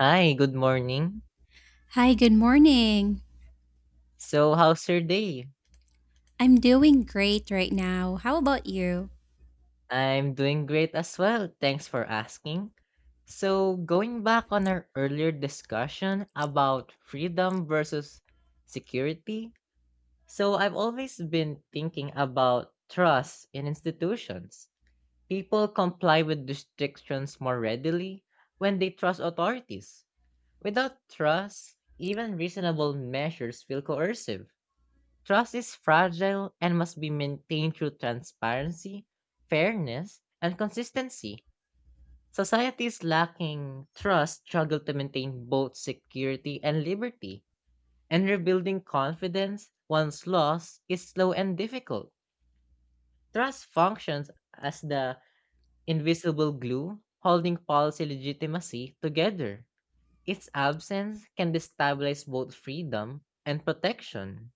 Hi, good morning. Hi, good morning. So, how's your day? I'm doing great right now. How about you? I'm doing great as well. Thanks for asking. So, going back on our earlier discussion about freedom versus security, so I've always been thinking about trust in institutions. People comply with restrictions more readily when they trust authorities. Without trust, even reasonable measures feel coercive. Trust is fragile and must be maintained through transparency, fairness, and consistency. Societies lacking trust struggle to maintain both security and liberty, and rebuilding confidence once lost is slow and difficult. Trust functions as the invisible glue holding policy legitimacy together. Its absence can destabilize both freedom and protection.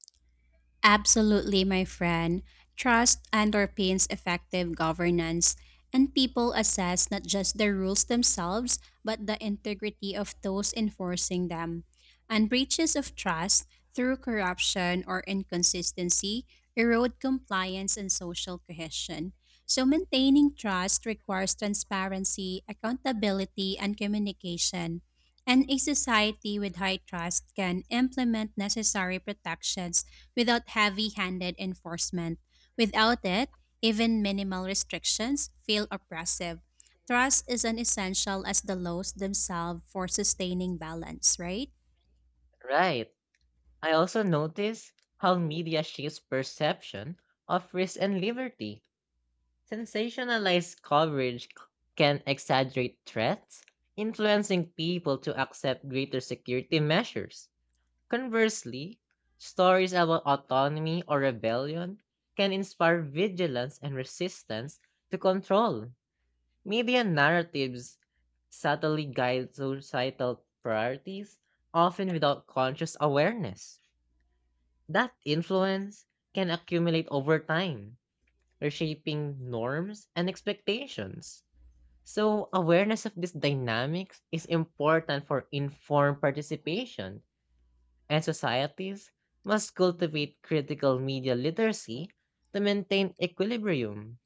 Absolutely, my friend. Trust underpins effective governance, and people assess not just the rules themselves, but the integrity of those enforcing them. And breaches of trust through corruption or inconsistency erode compliance and social cohesion. So, maintaining trust requires transparency, accountability, and communication. And a society with high trust can implement necessary protections without heavy handed enforcement. Without it, even minimal restrictions feel oppressive. Trust is an essential as the laws themselves for sustaining balance, right? Right. I also notice how media shapes perception of risk and liberty. Sensationalized coverage can exaggerate threats, influencing people to accept greater security measures. Conversely, stories about autonomy or rebellion can inspire vigilance and resistance to control. Media narratives subtly guide societal priorities, often without conscious awareness. That influence can accumulate over time, reshaping norms and expectations. So, awareness of these dynamics is important for informed participation, and societies must cultivate critical media literacy to maintain equilibrium.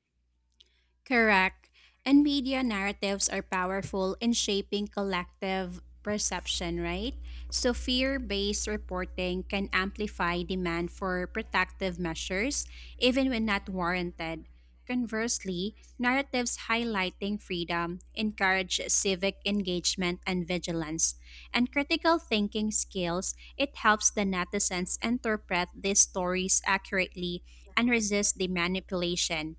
Correct. And media narratives are powerful in shaping collective perception, right? So, fear based reporting can amplify demand for protective measures, even when not warranted. Conversely, narratives highlighting freedom encourage civic engagement and vigilance. And critical thinking skills, it helps the netizens interpret these stories accurately and resist the manipulation.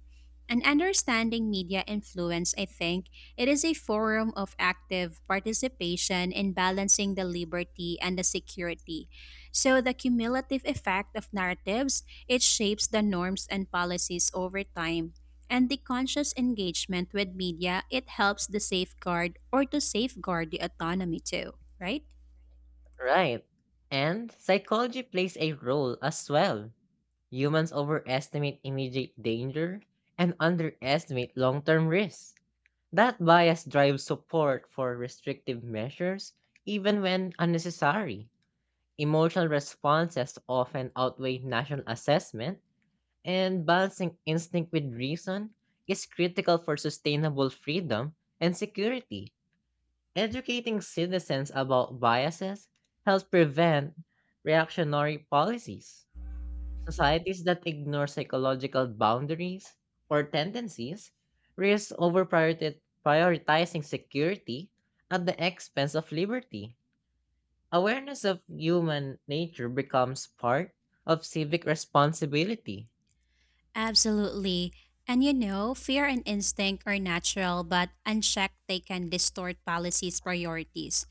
And understanding media influence, I think, it is a forum of active participation in balancing the liberty and the security. So the cumulative effect of narratives, it shapes the norms and policies over time. And the conscious engagement with media, it helps the safeguard or to safeguard the autonomy too, right? Right. And psychology plays a role as well. Humans overestimate immediate danger and underestimate long term risks. That bias drives support for restrictive measures, even when unnecessary. Emotional responses often outweigh national assessment, and balancing instinct with reason is critical for sustainable freedom and security. Educating citizens about biases helps prevent reactionary policies. Societies that ignore psychological boundaries or tendencies risk over prioritizing security at the expense of liberty. Awareness of human nature becomes part of civic responsibility. Absolutely. And you know, fear and instinct are natural, but unchecked, they can distort policies' priorities.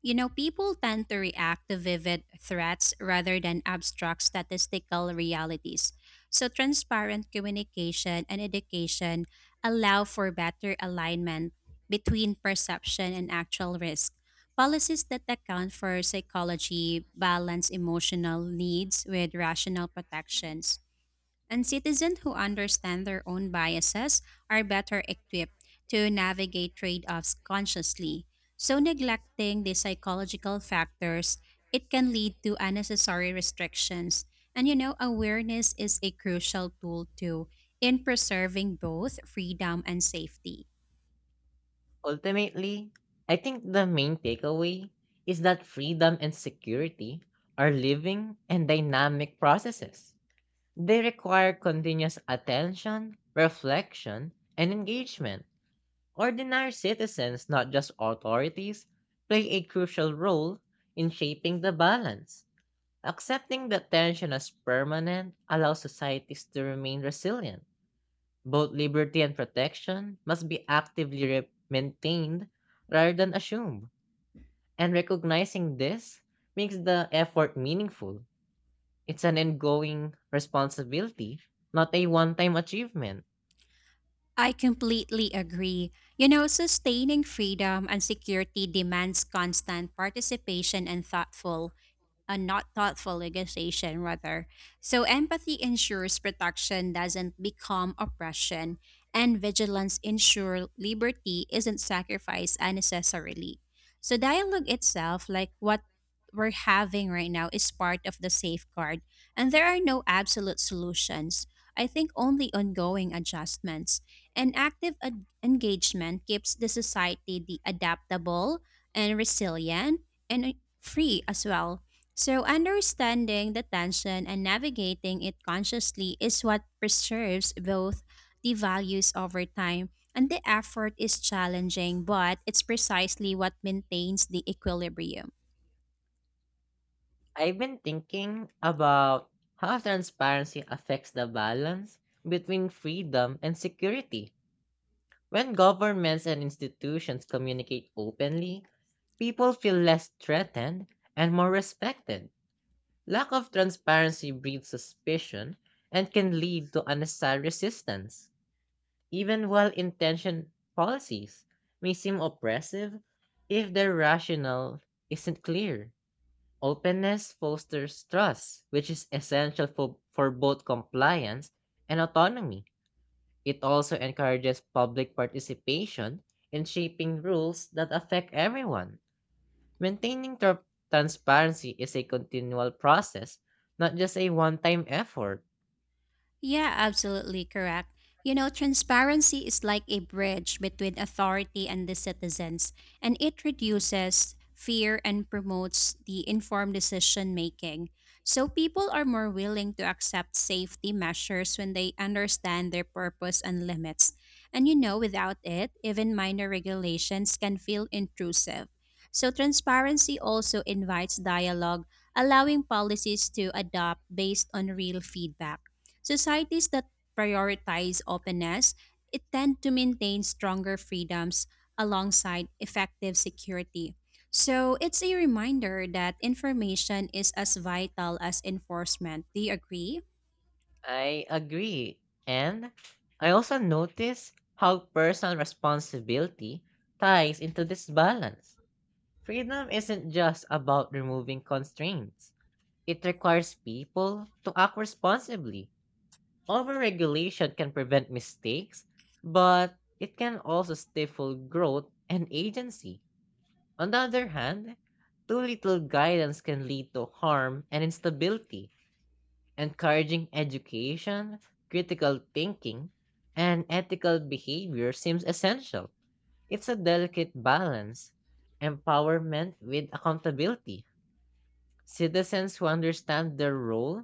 You know, people tend to react to vivid threats rather than abstract statistical realities. So, transparent communication and education allow for better alignment between perception and actual risk. Policies that account for psychology balance emotional needs with rational protections and citizens who understand their own biases are better equipped to navigate trade offs consciously. So, neglecting the psychological factors, it can lead to unnecessary restrictions. And you know, awareness is a crucial tool too in preserving both freedom and safety. Ultimately, I think the main takeaway is that freedom and security are living and dynamic processes. They require continuous attention, reflection, and engagement. Ordinary citizens, not just authorities, play a crucial role in shaping the balance. Accepting that tension as permanent allows societies to remain resilient. Both liberty and protection must be actively maintained rather than assumed. And recognizing this makes the effort meaningful. It's an ongoing responsibility, not a one time achievement. I completely agree. You know, sustaining freedom and security demands constant participation and thoughtful, a not thoughtful negotiation rather. So empathy ensures protection doesn't become oppression, and vigilance ensures liberty isn't sacrificed unnecessarily. So dialogue itself, like what we're having right now, is part of the safeguard, and there are no absolute solutions. I think only ongoing adjustments and active engagement keeps the society the adaptable and resilient and free as well. So, understanding the tension and navigating it consciously is what preserves both the values over time. And the effort is challenging, but it's precisely what maintains the equilibrium. I've been thinking about how transparency affects the balance between freedom and security. When governments and institutions communicate openly, people feel less threatened and more respected. Lack of transparency breeds suspicion and can lead to unnecessary resistance. Even well intentioned policies may seem oppressive if their rationale isn't clear. Openness fosters trust, which is essential for both compliance and autonomy. It also encourages public participation in shaping rules that affect everyone. Maintaining transparency is a continual process, not just a one time effort. Yeah, absolutely correct. You know, transparency is like a bridge between authority and the citizens, and it reduces fear and promotes the informed decision making. So people are more willing to accept safety measures when they understand their purpose and limits. And you know, without it, even minor regulations can feel intrusive. So transparency also invites dialogue, allowing policies to adapt based on real feedback. Societies that prioritize openness it tend to maintain stronger freedoms alongside effective security. So it's a reminder that information is as vital as enforcement. Do you agree? I agree. And I also notice how personal responsibility ties into this balance. Freedom isn't just about removing constraints. It requires people to act responsibly. Overregulation can prevent mistakes, but it can also stifle growth and agency. On the other hand, too little guidance can lead to harm and instability. Encouraging education, critical thinking, and ethical behavior seems essential. It's a delicate balance, empowerment with accountability. Citizens who understand their role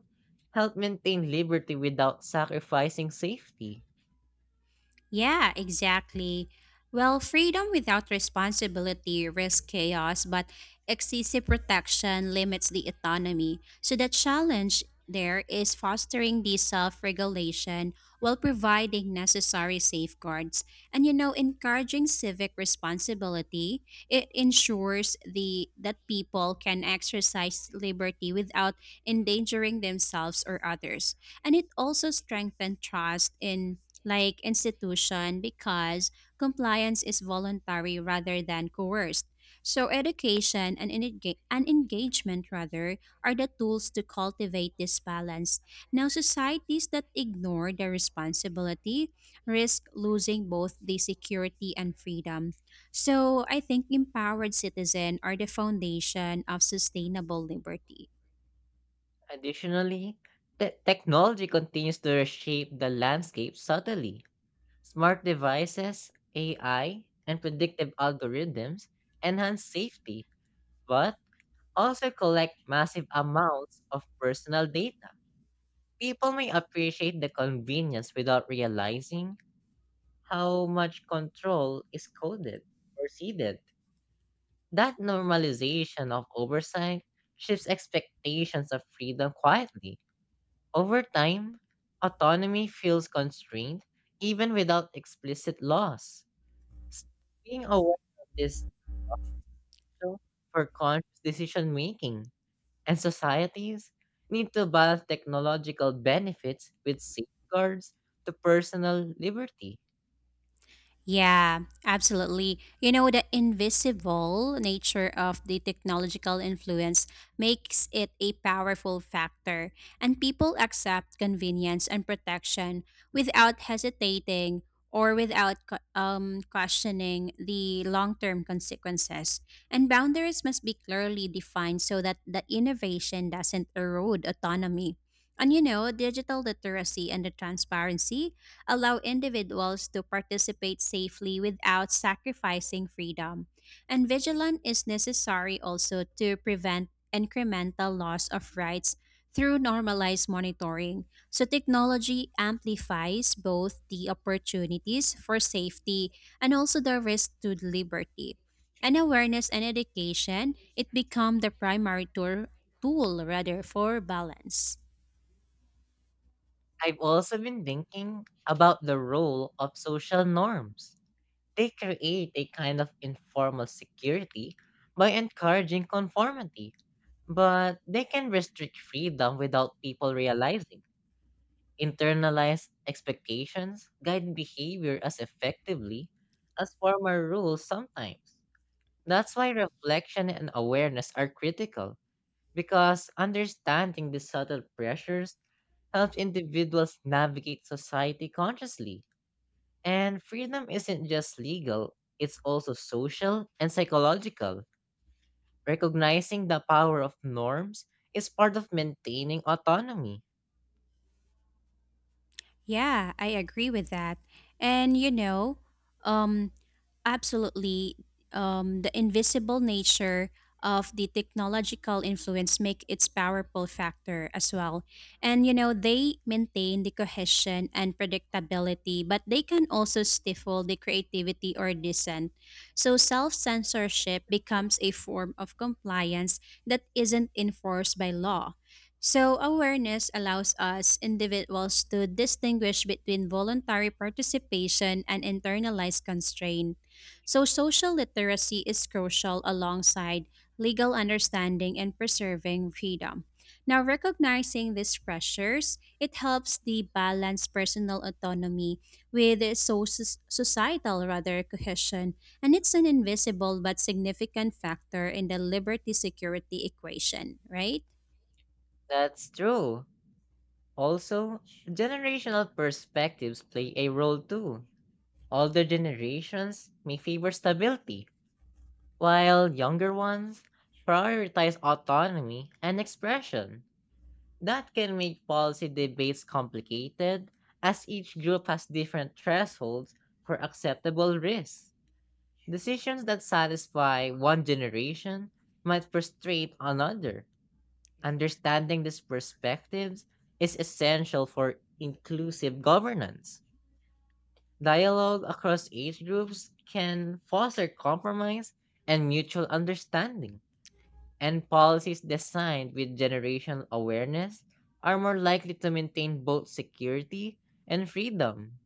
help maintain liberty without sacrificing safety. Yeah, exactly. Well, freedom without responsibility risks chaos, but excessive protection limits the autonomy. So, the challenge there is fostering the self regulation while providing necessary safeguards. And, you know, encouraging civic responsibility, it ensures the, that people can exercise liberty without endangering themselves or others. And it also strengthens trust in like institution because compliance is voluntary rather than coerced. So education and, and engagement rather are the tools to cultivate this balance. Now societies that ignore their responsibility risk losing both the security and freedom. So I think empowered citizen are the foundation of sustainable liberty. Additionally, technology continues to reshape the landscape subtly. Smart devices, AI, and predictive algorithms enhance safety, but also collect massive amounts of personal data. People may appreciate the convenience without realizing how much control is coded or seeded. That normalization of oversight shifts expectations of freedom quietly. Over time, autonomy feels constrained even without explicit laws. S- Being aware of this potential for conscious decision making, and societies need to balance technological benefits with safeguards to personal liberty. Yeah, absolutely. You know, the invisible nature of the technological influence makes it a powerful factor, and people accept convenience and protection without hesitating or without questioning the long term consequences. And boundaries must be clearly defined so that the innovation doesn't erode autonomy. And you know, digital literacy and the transparency allow individuals to participate safely without sacrificing freedom. And vigilance is necessary also to prevent incremental loss of rights through normalized monitoring. So technology amplifies both the opportunities for safety and also the risk to liberty. And awareness and education, it become the primary tool rather for balance. I've also been thinking about the role of social norms. They create a kind of informal security by encouraging conformity, but they can restrict freedom without people realizing. Internalized expectations guide behavior as effectively as formal rules sometimes. That's why reflection and awareness are critical because understanding the subtle pressures helps individuals navigate society consciously. And freedom isn't just legal, it's also social and psychological. Recognizing the power of norms is part of maintaining autonomy. Yeah, I agree with that. And you know, um absolutely the invisible nature of the technological influence make its powerful factor as well. And you know, they maintain the cohesion and predictability, but they can also stifle the creativity or dissent. So self-censorship becomes a form of compliance that isn't enforced by law. So, awareness allows us individuals to distinguish between voluntary participation and internalized constraint. So, social literacy is crucial alongside legal understanding and preserving freedom. Now, recognizing these pressures, it helps the balance personal autonomy with societal rather cohesion, and it's an invisible but significant factor in the liberty security equation, right? That's true. Also, generational perspectives play a role too. Older generations may favor stability, while younger ones prioritize autonomy and expression. That can make policy debates complicated, as each group has different thresholds for acceptable risks. Decisions that satisfy one generation might frustrate another. Understanding these perspectives is essential for inclusive governance. Dialogue across age groups can foster compromise and mutual understanding and policies designed with generational awareness are more likely to maintain both security and freedom.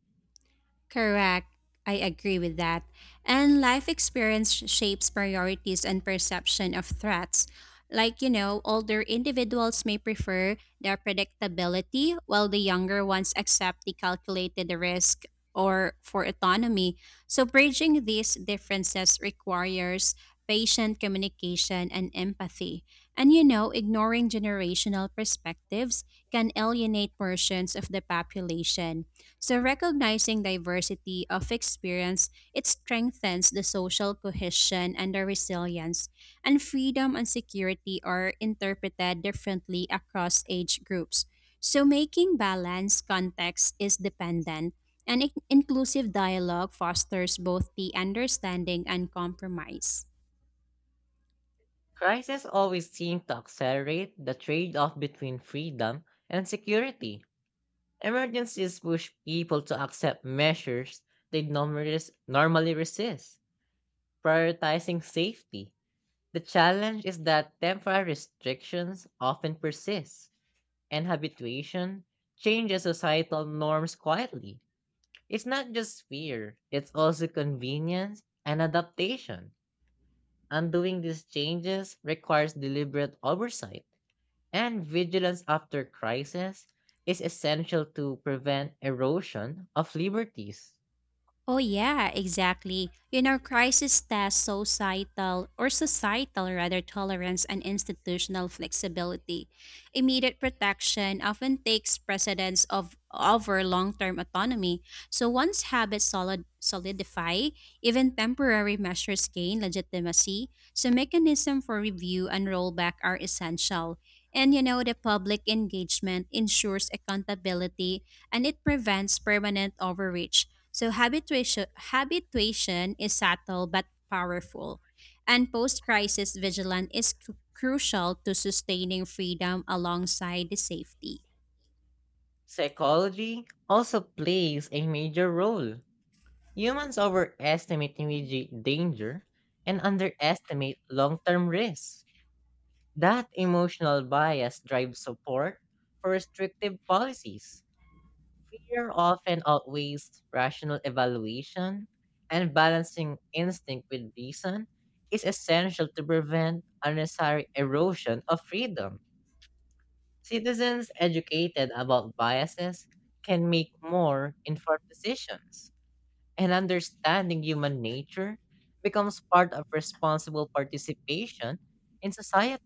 Correct. I agree with that. And life experience shapes priorities and perception of threats. Like, you know, older individuals may prefer their predictability, while the younger ones accept the calculated risk or for autonomy. So, bridging these differences requires patient communication and empathy. And, you know, ignoring generational perspectives can alienate portions of the population. So, recognizing diversity of experience, it strengthens the social cohesion and the resilience, and freedom and security are interpreted differently across age groups. So, making balance context is dependent, and inclusive dialogue fosters both the understanding and compromise. Crises always seem to accelerate the trade off between freedom and security. Emergencies push people to accept measures they normally resist, prioritizing safety. The challenge is that temporary restrictions often persist, and habituation changes societal norms quietly. It's not just fear, it's also convenience and adaptation. Undoing these changes requires deliberate oversight, and vigilance after crisis is essential to prevent erosion of liberties. Oh, yeah, exactly. You know, crisis test societal or societal rather tolerance and institutional flexibility. Immediate protection often takes precedence of over long-term autonomy. So once habits solidify, even temporary measures gain legitimacy. So mechanism for review and rollback are essential. And you know, the public engagement ensures accountability and it prevents permanent overreach. So habituation is subtle but powerful. And post-crisis vigilance is crucial to sustaining freedom alongside the safety. Psychology also plays a major role. Humans overestimate immediate danger and underestimate long term risks. That emotional bias drives support for restrictive policies. Fear often outweighs rational evaluation, and balancing instinct with reason is essential to prevent unnecessary erosion of freedom. Citizens educated about biases can make more informed decisions, and understanding human nature becomes part of responsible participation in society.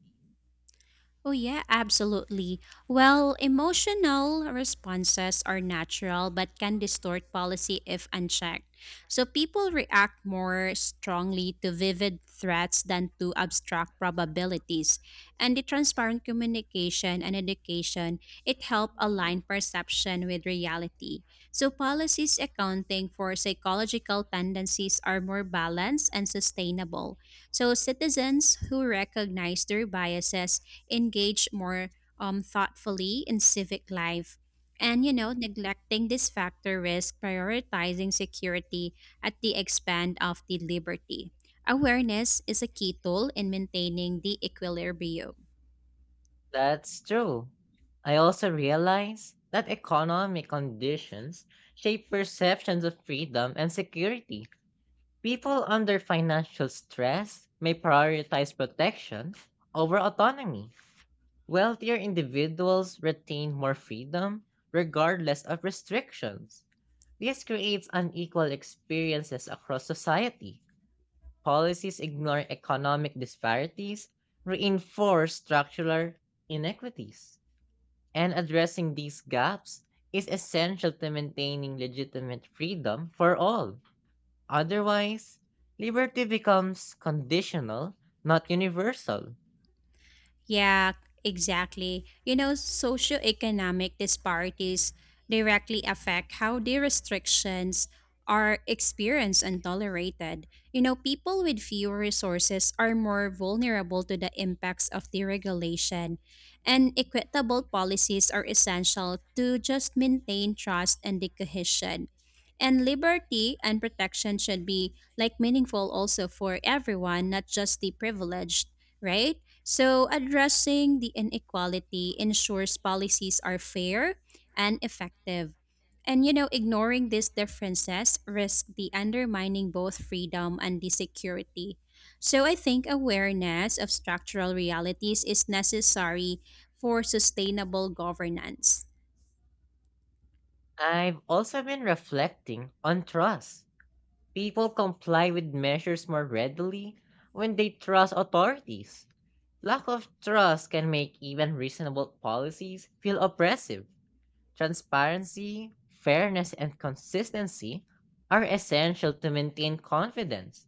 Oh, yeah, absolutely. Well, emotional responses are natural but can distort policy if unchecked. So people react more strongly to vivid threats than to abstract probabilities. And the transparent communication and education, it help align perception with reality. So policies accounting for psychological tendencies are more balanced and sustainable. So citizens who recognize their biases engage more thoughtfully in civic life. And, you know, neglecting this factor risk prioritizing security at the expense of the liberty. Awareness is a key tool in maintaining the equilibrium. That's true. I also realize that economic conditions shape perceptions of freedom and security. People under financial stress may prioritize protection over autonomy. Wealthier individuals retain more freedom regardless of restrictions. This creates unequal experiences across society. Policies ignoring economic disparities reinforce structural inequities. And addressing these gaps is essential to maintaining legitimate freedom for all. Otherwise, liberty becomes conditional, not universal. Yeah, exactly. You know, socioeconomic disparities directly affect how the restrictions are experienced and tolerated. You know, people with fewer resources are more vulnerable to the impacts of deregulation, and equitable policies are essential to just maintain trust and the cohesion. And liberty and protection should be like meaningful also for everyone, not just the privileged, right? So, addressing the inequality ensures policies are fair and effective. And you know, ignoring these differences risks the undermining both freedom and the security. So, I think awareness of structural realities is necessary for sustainable governance. I've also been reflecting on trust. People comply with measures more readily when they trust authorities. Lack of trust can make even reasonable policies feel oppressive. Transparency, fairness, and consistency are essential to maintain confidence.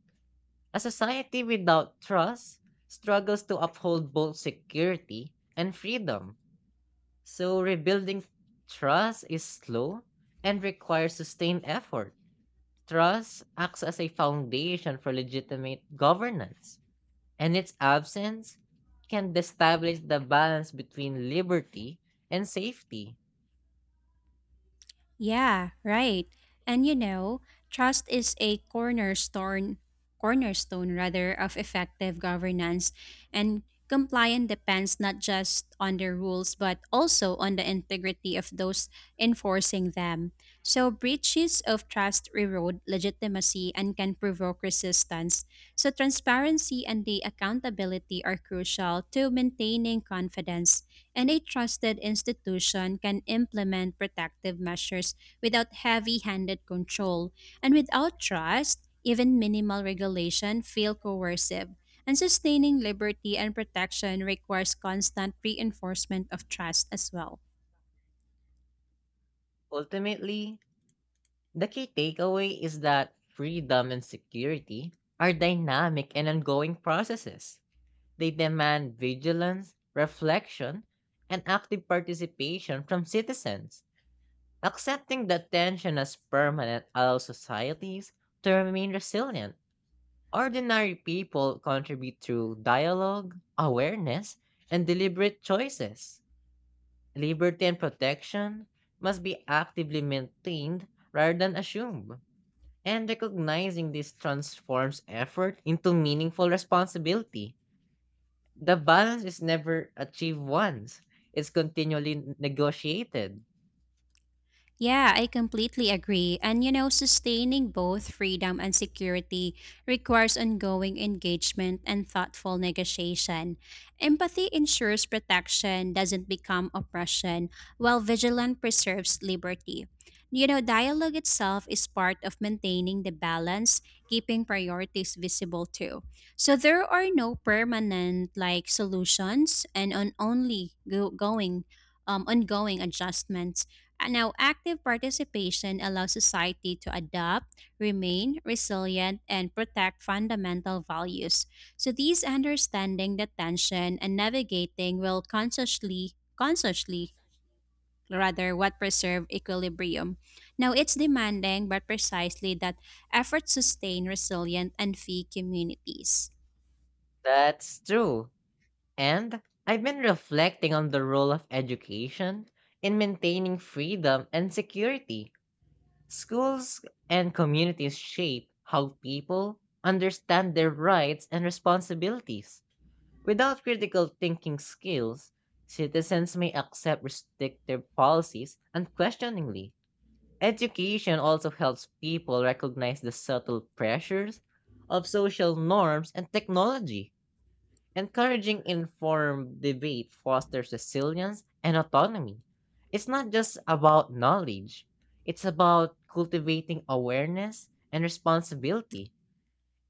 A society without trust struggles to uphold both security and freedom. So, rebuilding trust is slow and requires sustained effort. Trust acts as a foundation for legitimate governance, and its absence can destabilize the balance between liberty and safety. Yeah, right. And you know, trust is a cornerstone rather of effective governance and compliance depends not just on the rules but also on the integrity of those enforcing them. So breaches of trust erode legitimacy and can provoke resistance. So transparency and the accountability are crucial to maintaining confidence and a trusted institution can implement protective measures without heavy handed control. And without trust, even minimal regulation feel coercive. And sustaining liberty and protection requires constant reinforcement of trust as well. Ultimately, the key takeaway is that freedom and security are dynamic and ongoing processes. They demand vigilance, reflection, and active participation from citizens. Accepting that tension as permanent allows societies to remain resilient. Ordinary people contribute through dialogue, awareness, and deliberate choices. Liberty and protection must be actively maintained rather than assumed. And recognizing this transforms effort into meaningful responsibility. The balance is never achieved once, it's continually negotiated. Yeah, I completely agree. And you know, sustaining both freedom and security requires ongoing engagement and thoughtful negotiation. Empathy ensures protection doesn't become oppression, while vigilance preserves liberty. You know, dialogue itself is part of maintaining the balance, keeping priorities visible too. So there are no permanent like solutions and on only go- going ongoing adjustments. And now, active participation allows society to adapt, remain resilient, and protect fundamental values. So, these understanding the tension and navigating will consciously, rather, what preserve equilibrium. Now, it's demanding, but precisely that efforts sustain resilient and fee communities. That's true. And I've been reflecting on the role of education in maintaining freedom and security. Schools and communities shape how people understand their rights and responsibilities. Without critical thinking skills, citizens may accept restrictive policies unquestioningly. Education also helps people recognize the subtle pressures of social norms and technology. Encouraging informed debate fosters resilience and autonomy. It's not just about knowledge, it's about cultivating awareness and responsibility.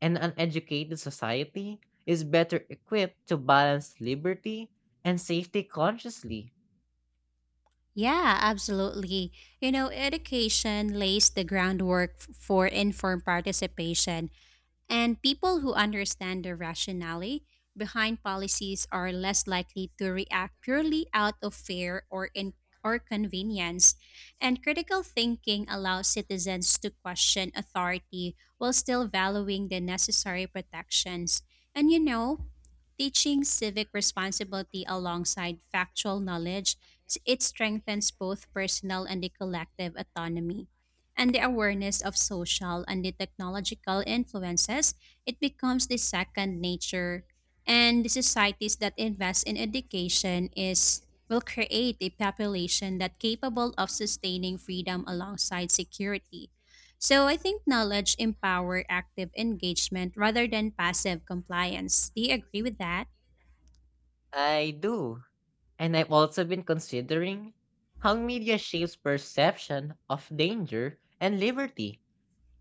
An uneducated society is better equipped to balance liberty and safety consciously. Yeah, absolutely. You know, education lays the groundwork for informed participation. And people who understand the rationale behind policies are less likely to react purely out of fear or in or convenience. And critical thinking allows citizens to question authority while still valuing the necessary protections. And you know, teaching civic responsibility alongside factual knowledge, it strengthens both personal and the collective autonomy and the awareness of social and the technological influences, it becomes the second nature. And the societies that invest in education is will create a population that capable of sustaining freedom alongside security. So I think knowledge empower active engagement rather than passive compliance. Do you agree with that? I do. And I've also been considering how media shapes perception of danger and liberty.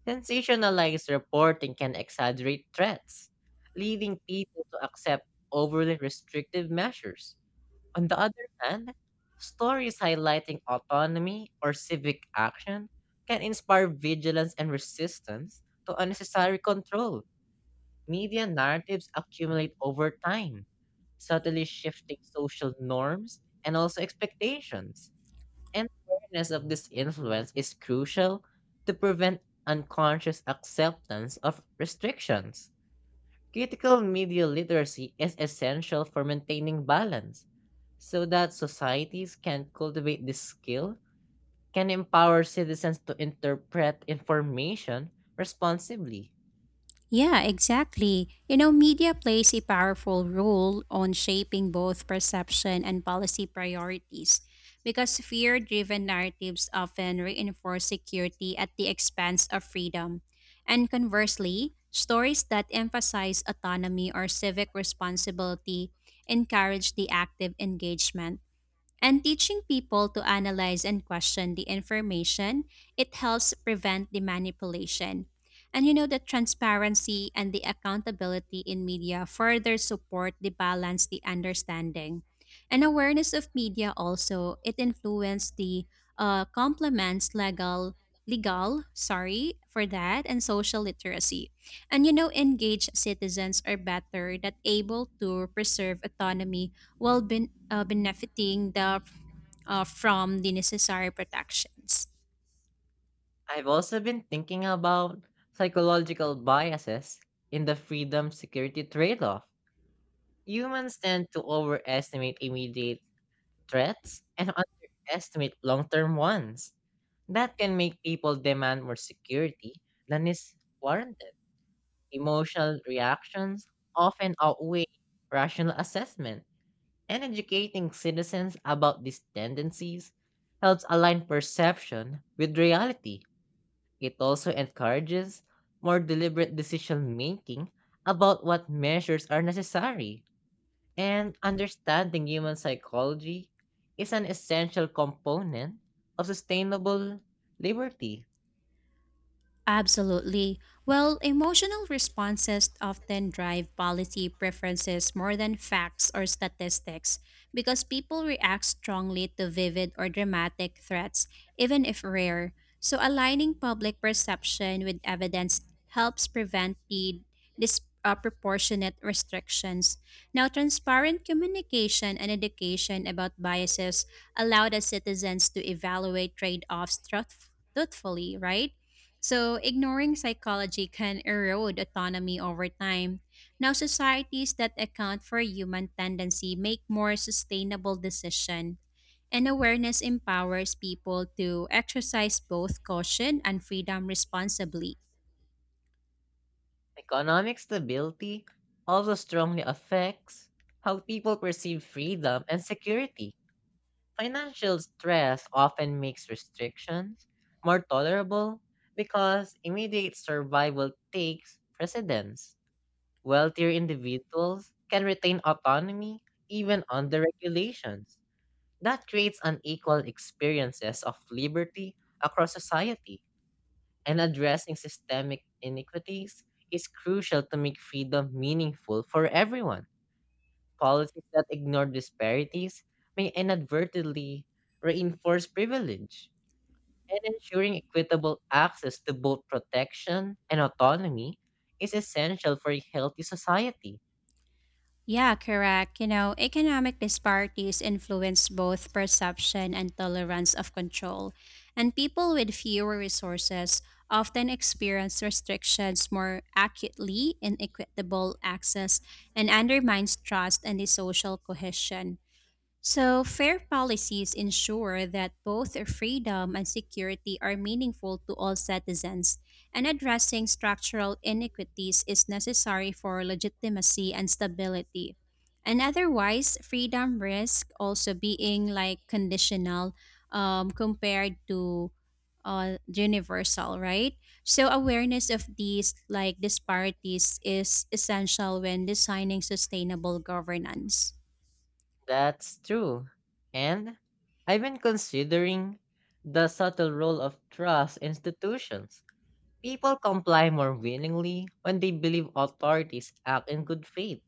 Sensationalized reporting can exaggerate threats, leading people to accept overly restrictive measures. On the other hand, stories highlighting autonomy or civic action can inspire vigilance and resistance to unnecessary control. Media narratives accumulate over time, subtly shifting social norms and also expectations. And awareness of this influence is crucial to prevent unconscious acceptance of restrictions. Critical media literacy is essential for maintaining balance so that societies can cultivate this skill, can empower citizens to interpret information responsibly. Yeah, exactly. You know, media plays a powerful role on shaping both perception and policy priorities because fear driven narratives often reinforce security at the expense of freedom. And conversely, stories that emphasize autonomy or civic responsibility encourage the active engagement and teaching people to analyze and question the information, it helps prevent the manipulation. And you know the transparency and the accountability in media further support the balance, the understanding. And awareness of media also, it influences the complements legal sorry for that and social literacy and you know engaged citizens are better that able to preserve autonomy while benefiting from the necessary protections. I've also been thinking about psychological biases in the freedom security trade off. Humans tend to overestimate immediate threats and underestimate long term ones. That can make people demand more security than is warranted. Emotional reactions often outweigh rational assessment, and educating citizens about these tendencies helps align perception with reality. It also encourages more deliberate decision making about what measures are necessary. And understanding human psychology is an essential component of sustainable liberty. Absolutely. Well, emotional responses often drive policy preferences more than facts or statistics because people react strongly to vivid or dramatic threats, even if rare. So, aligning public perception with evidence helps prevent the disproportionate restrictions. Now, transparent communication and education about biases allow the citizens to evaluate trade offs truthfully, right? So, ignoring psychology can erode autonomy over time. Now, societies that account for human tendency make more sustainable decision, and awareness empowers people to exercise both caution and freedom responsibly. Economic stability also strongly affects how people perceive freedom and security. Financial stress often makes restrictions more tolerable because immediate survival takes precedence. Wealthier individuals can retain autonomy even under regulations. That creates unequal experiences of liberty across society and addressing systemic inequities is crucial to make freedom meaningful for everyone. Policies that ignore disparities may inadvertently reinforce privilege, and ensuring equitable access to both protection and autonomy is essential for a healthy society. Yeah, correct. You know, economic disparities influence both perception and tolerance of control, and people with fewer resources often experience restrictions more acutely, inequitable access, and undermines trust and the social cohesion. So, fair policies ensure that both freedom and security are meaningful to all citizens, and addressing structural inequities is necessary for legitimacy and stability. And otherwise, freedom risk also being like conditional compared to universal, right? So, awareness of these like disparities is essential when designing sustainable governance. That's true. And I've been considering the subtle role of trust institutions. People comply more willingly when they believe authorities act in good faith.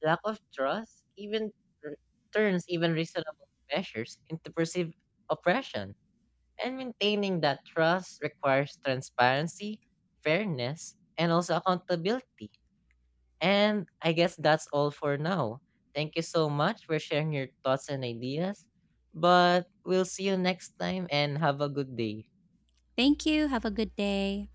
Lack of trust even r- turns even reasonable measures into perceived oppression. And maintaining that trust requires transparency, fairness, and also accountability. And I guess that's all for now. Thank you so much for sharing your thoughts and ideas. But we'll see you next time and have a good day. Thank you. Have a good day.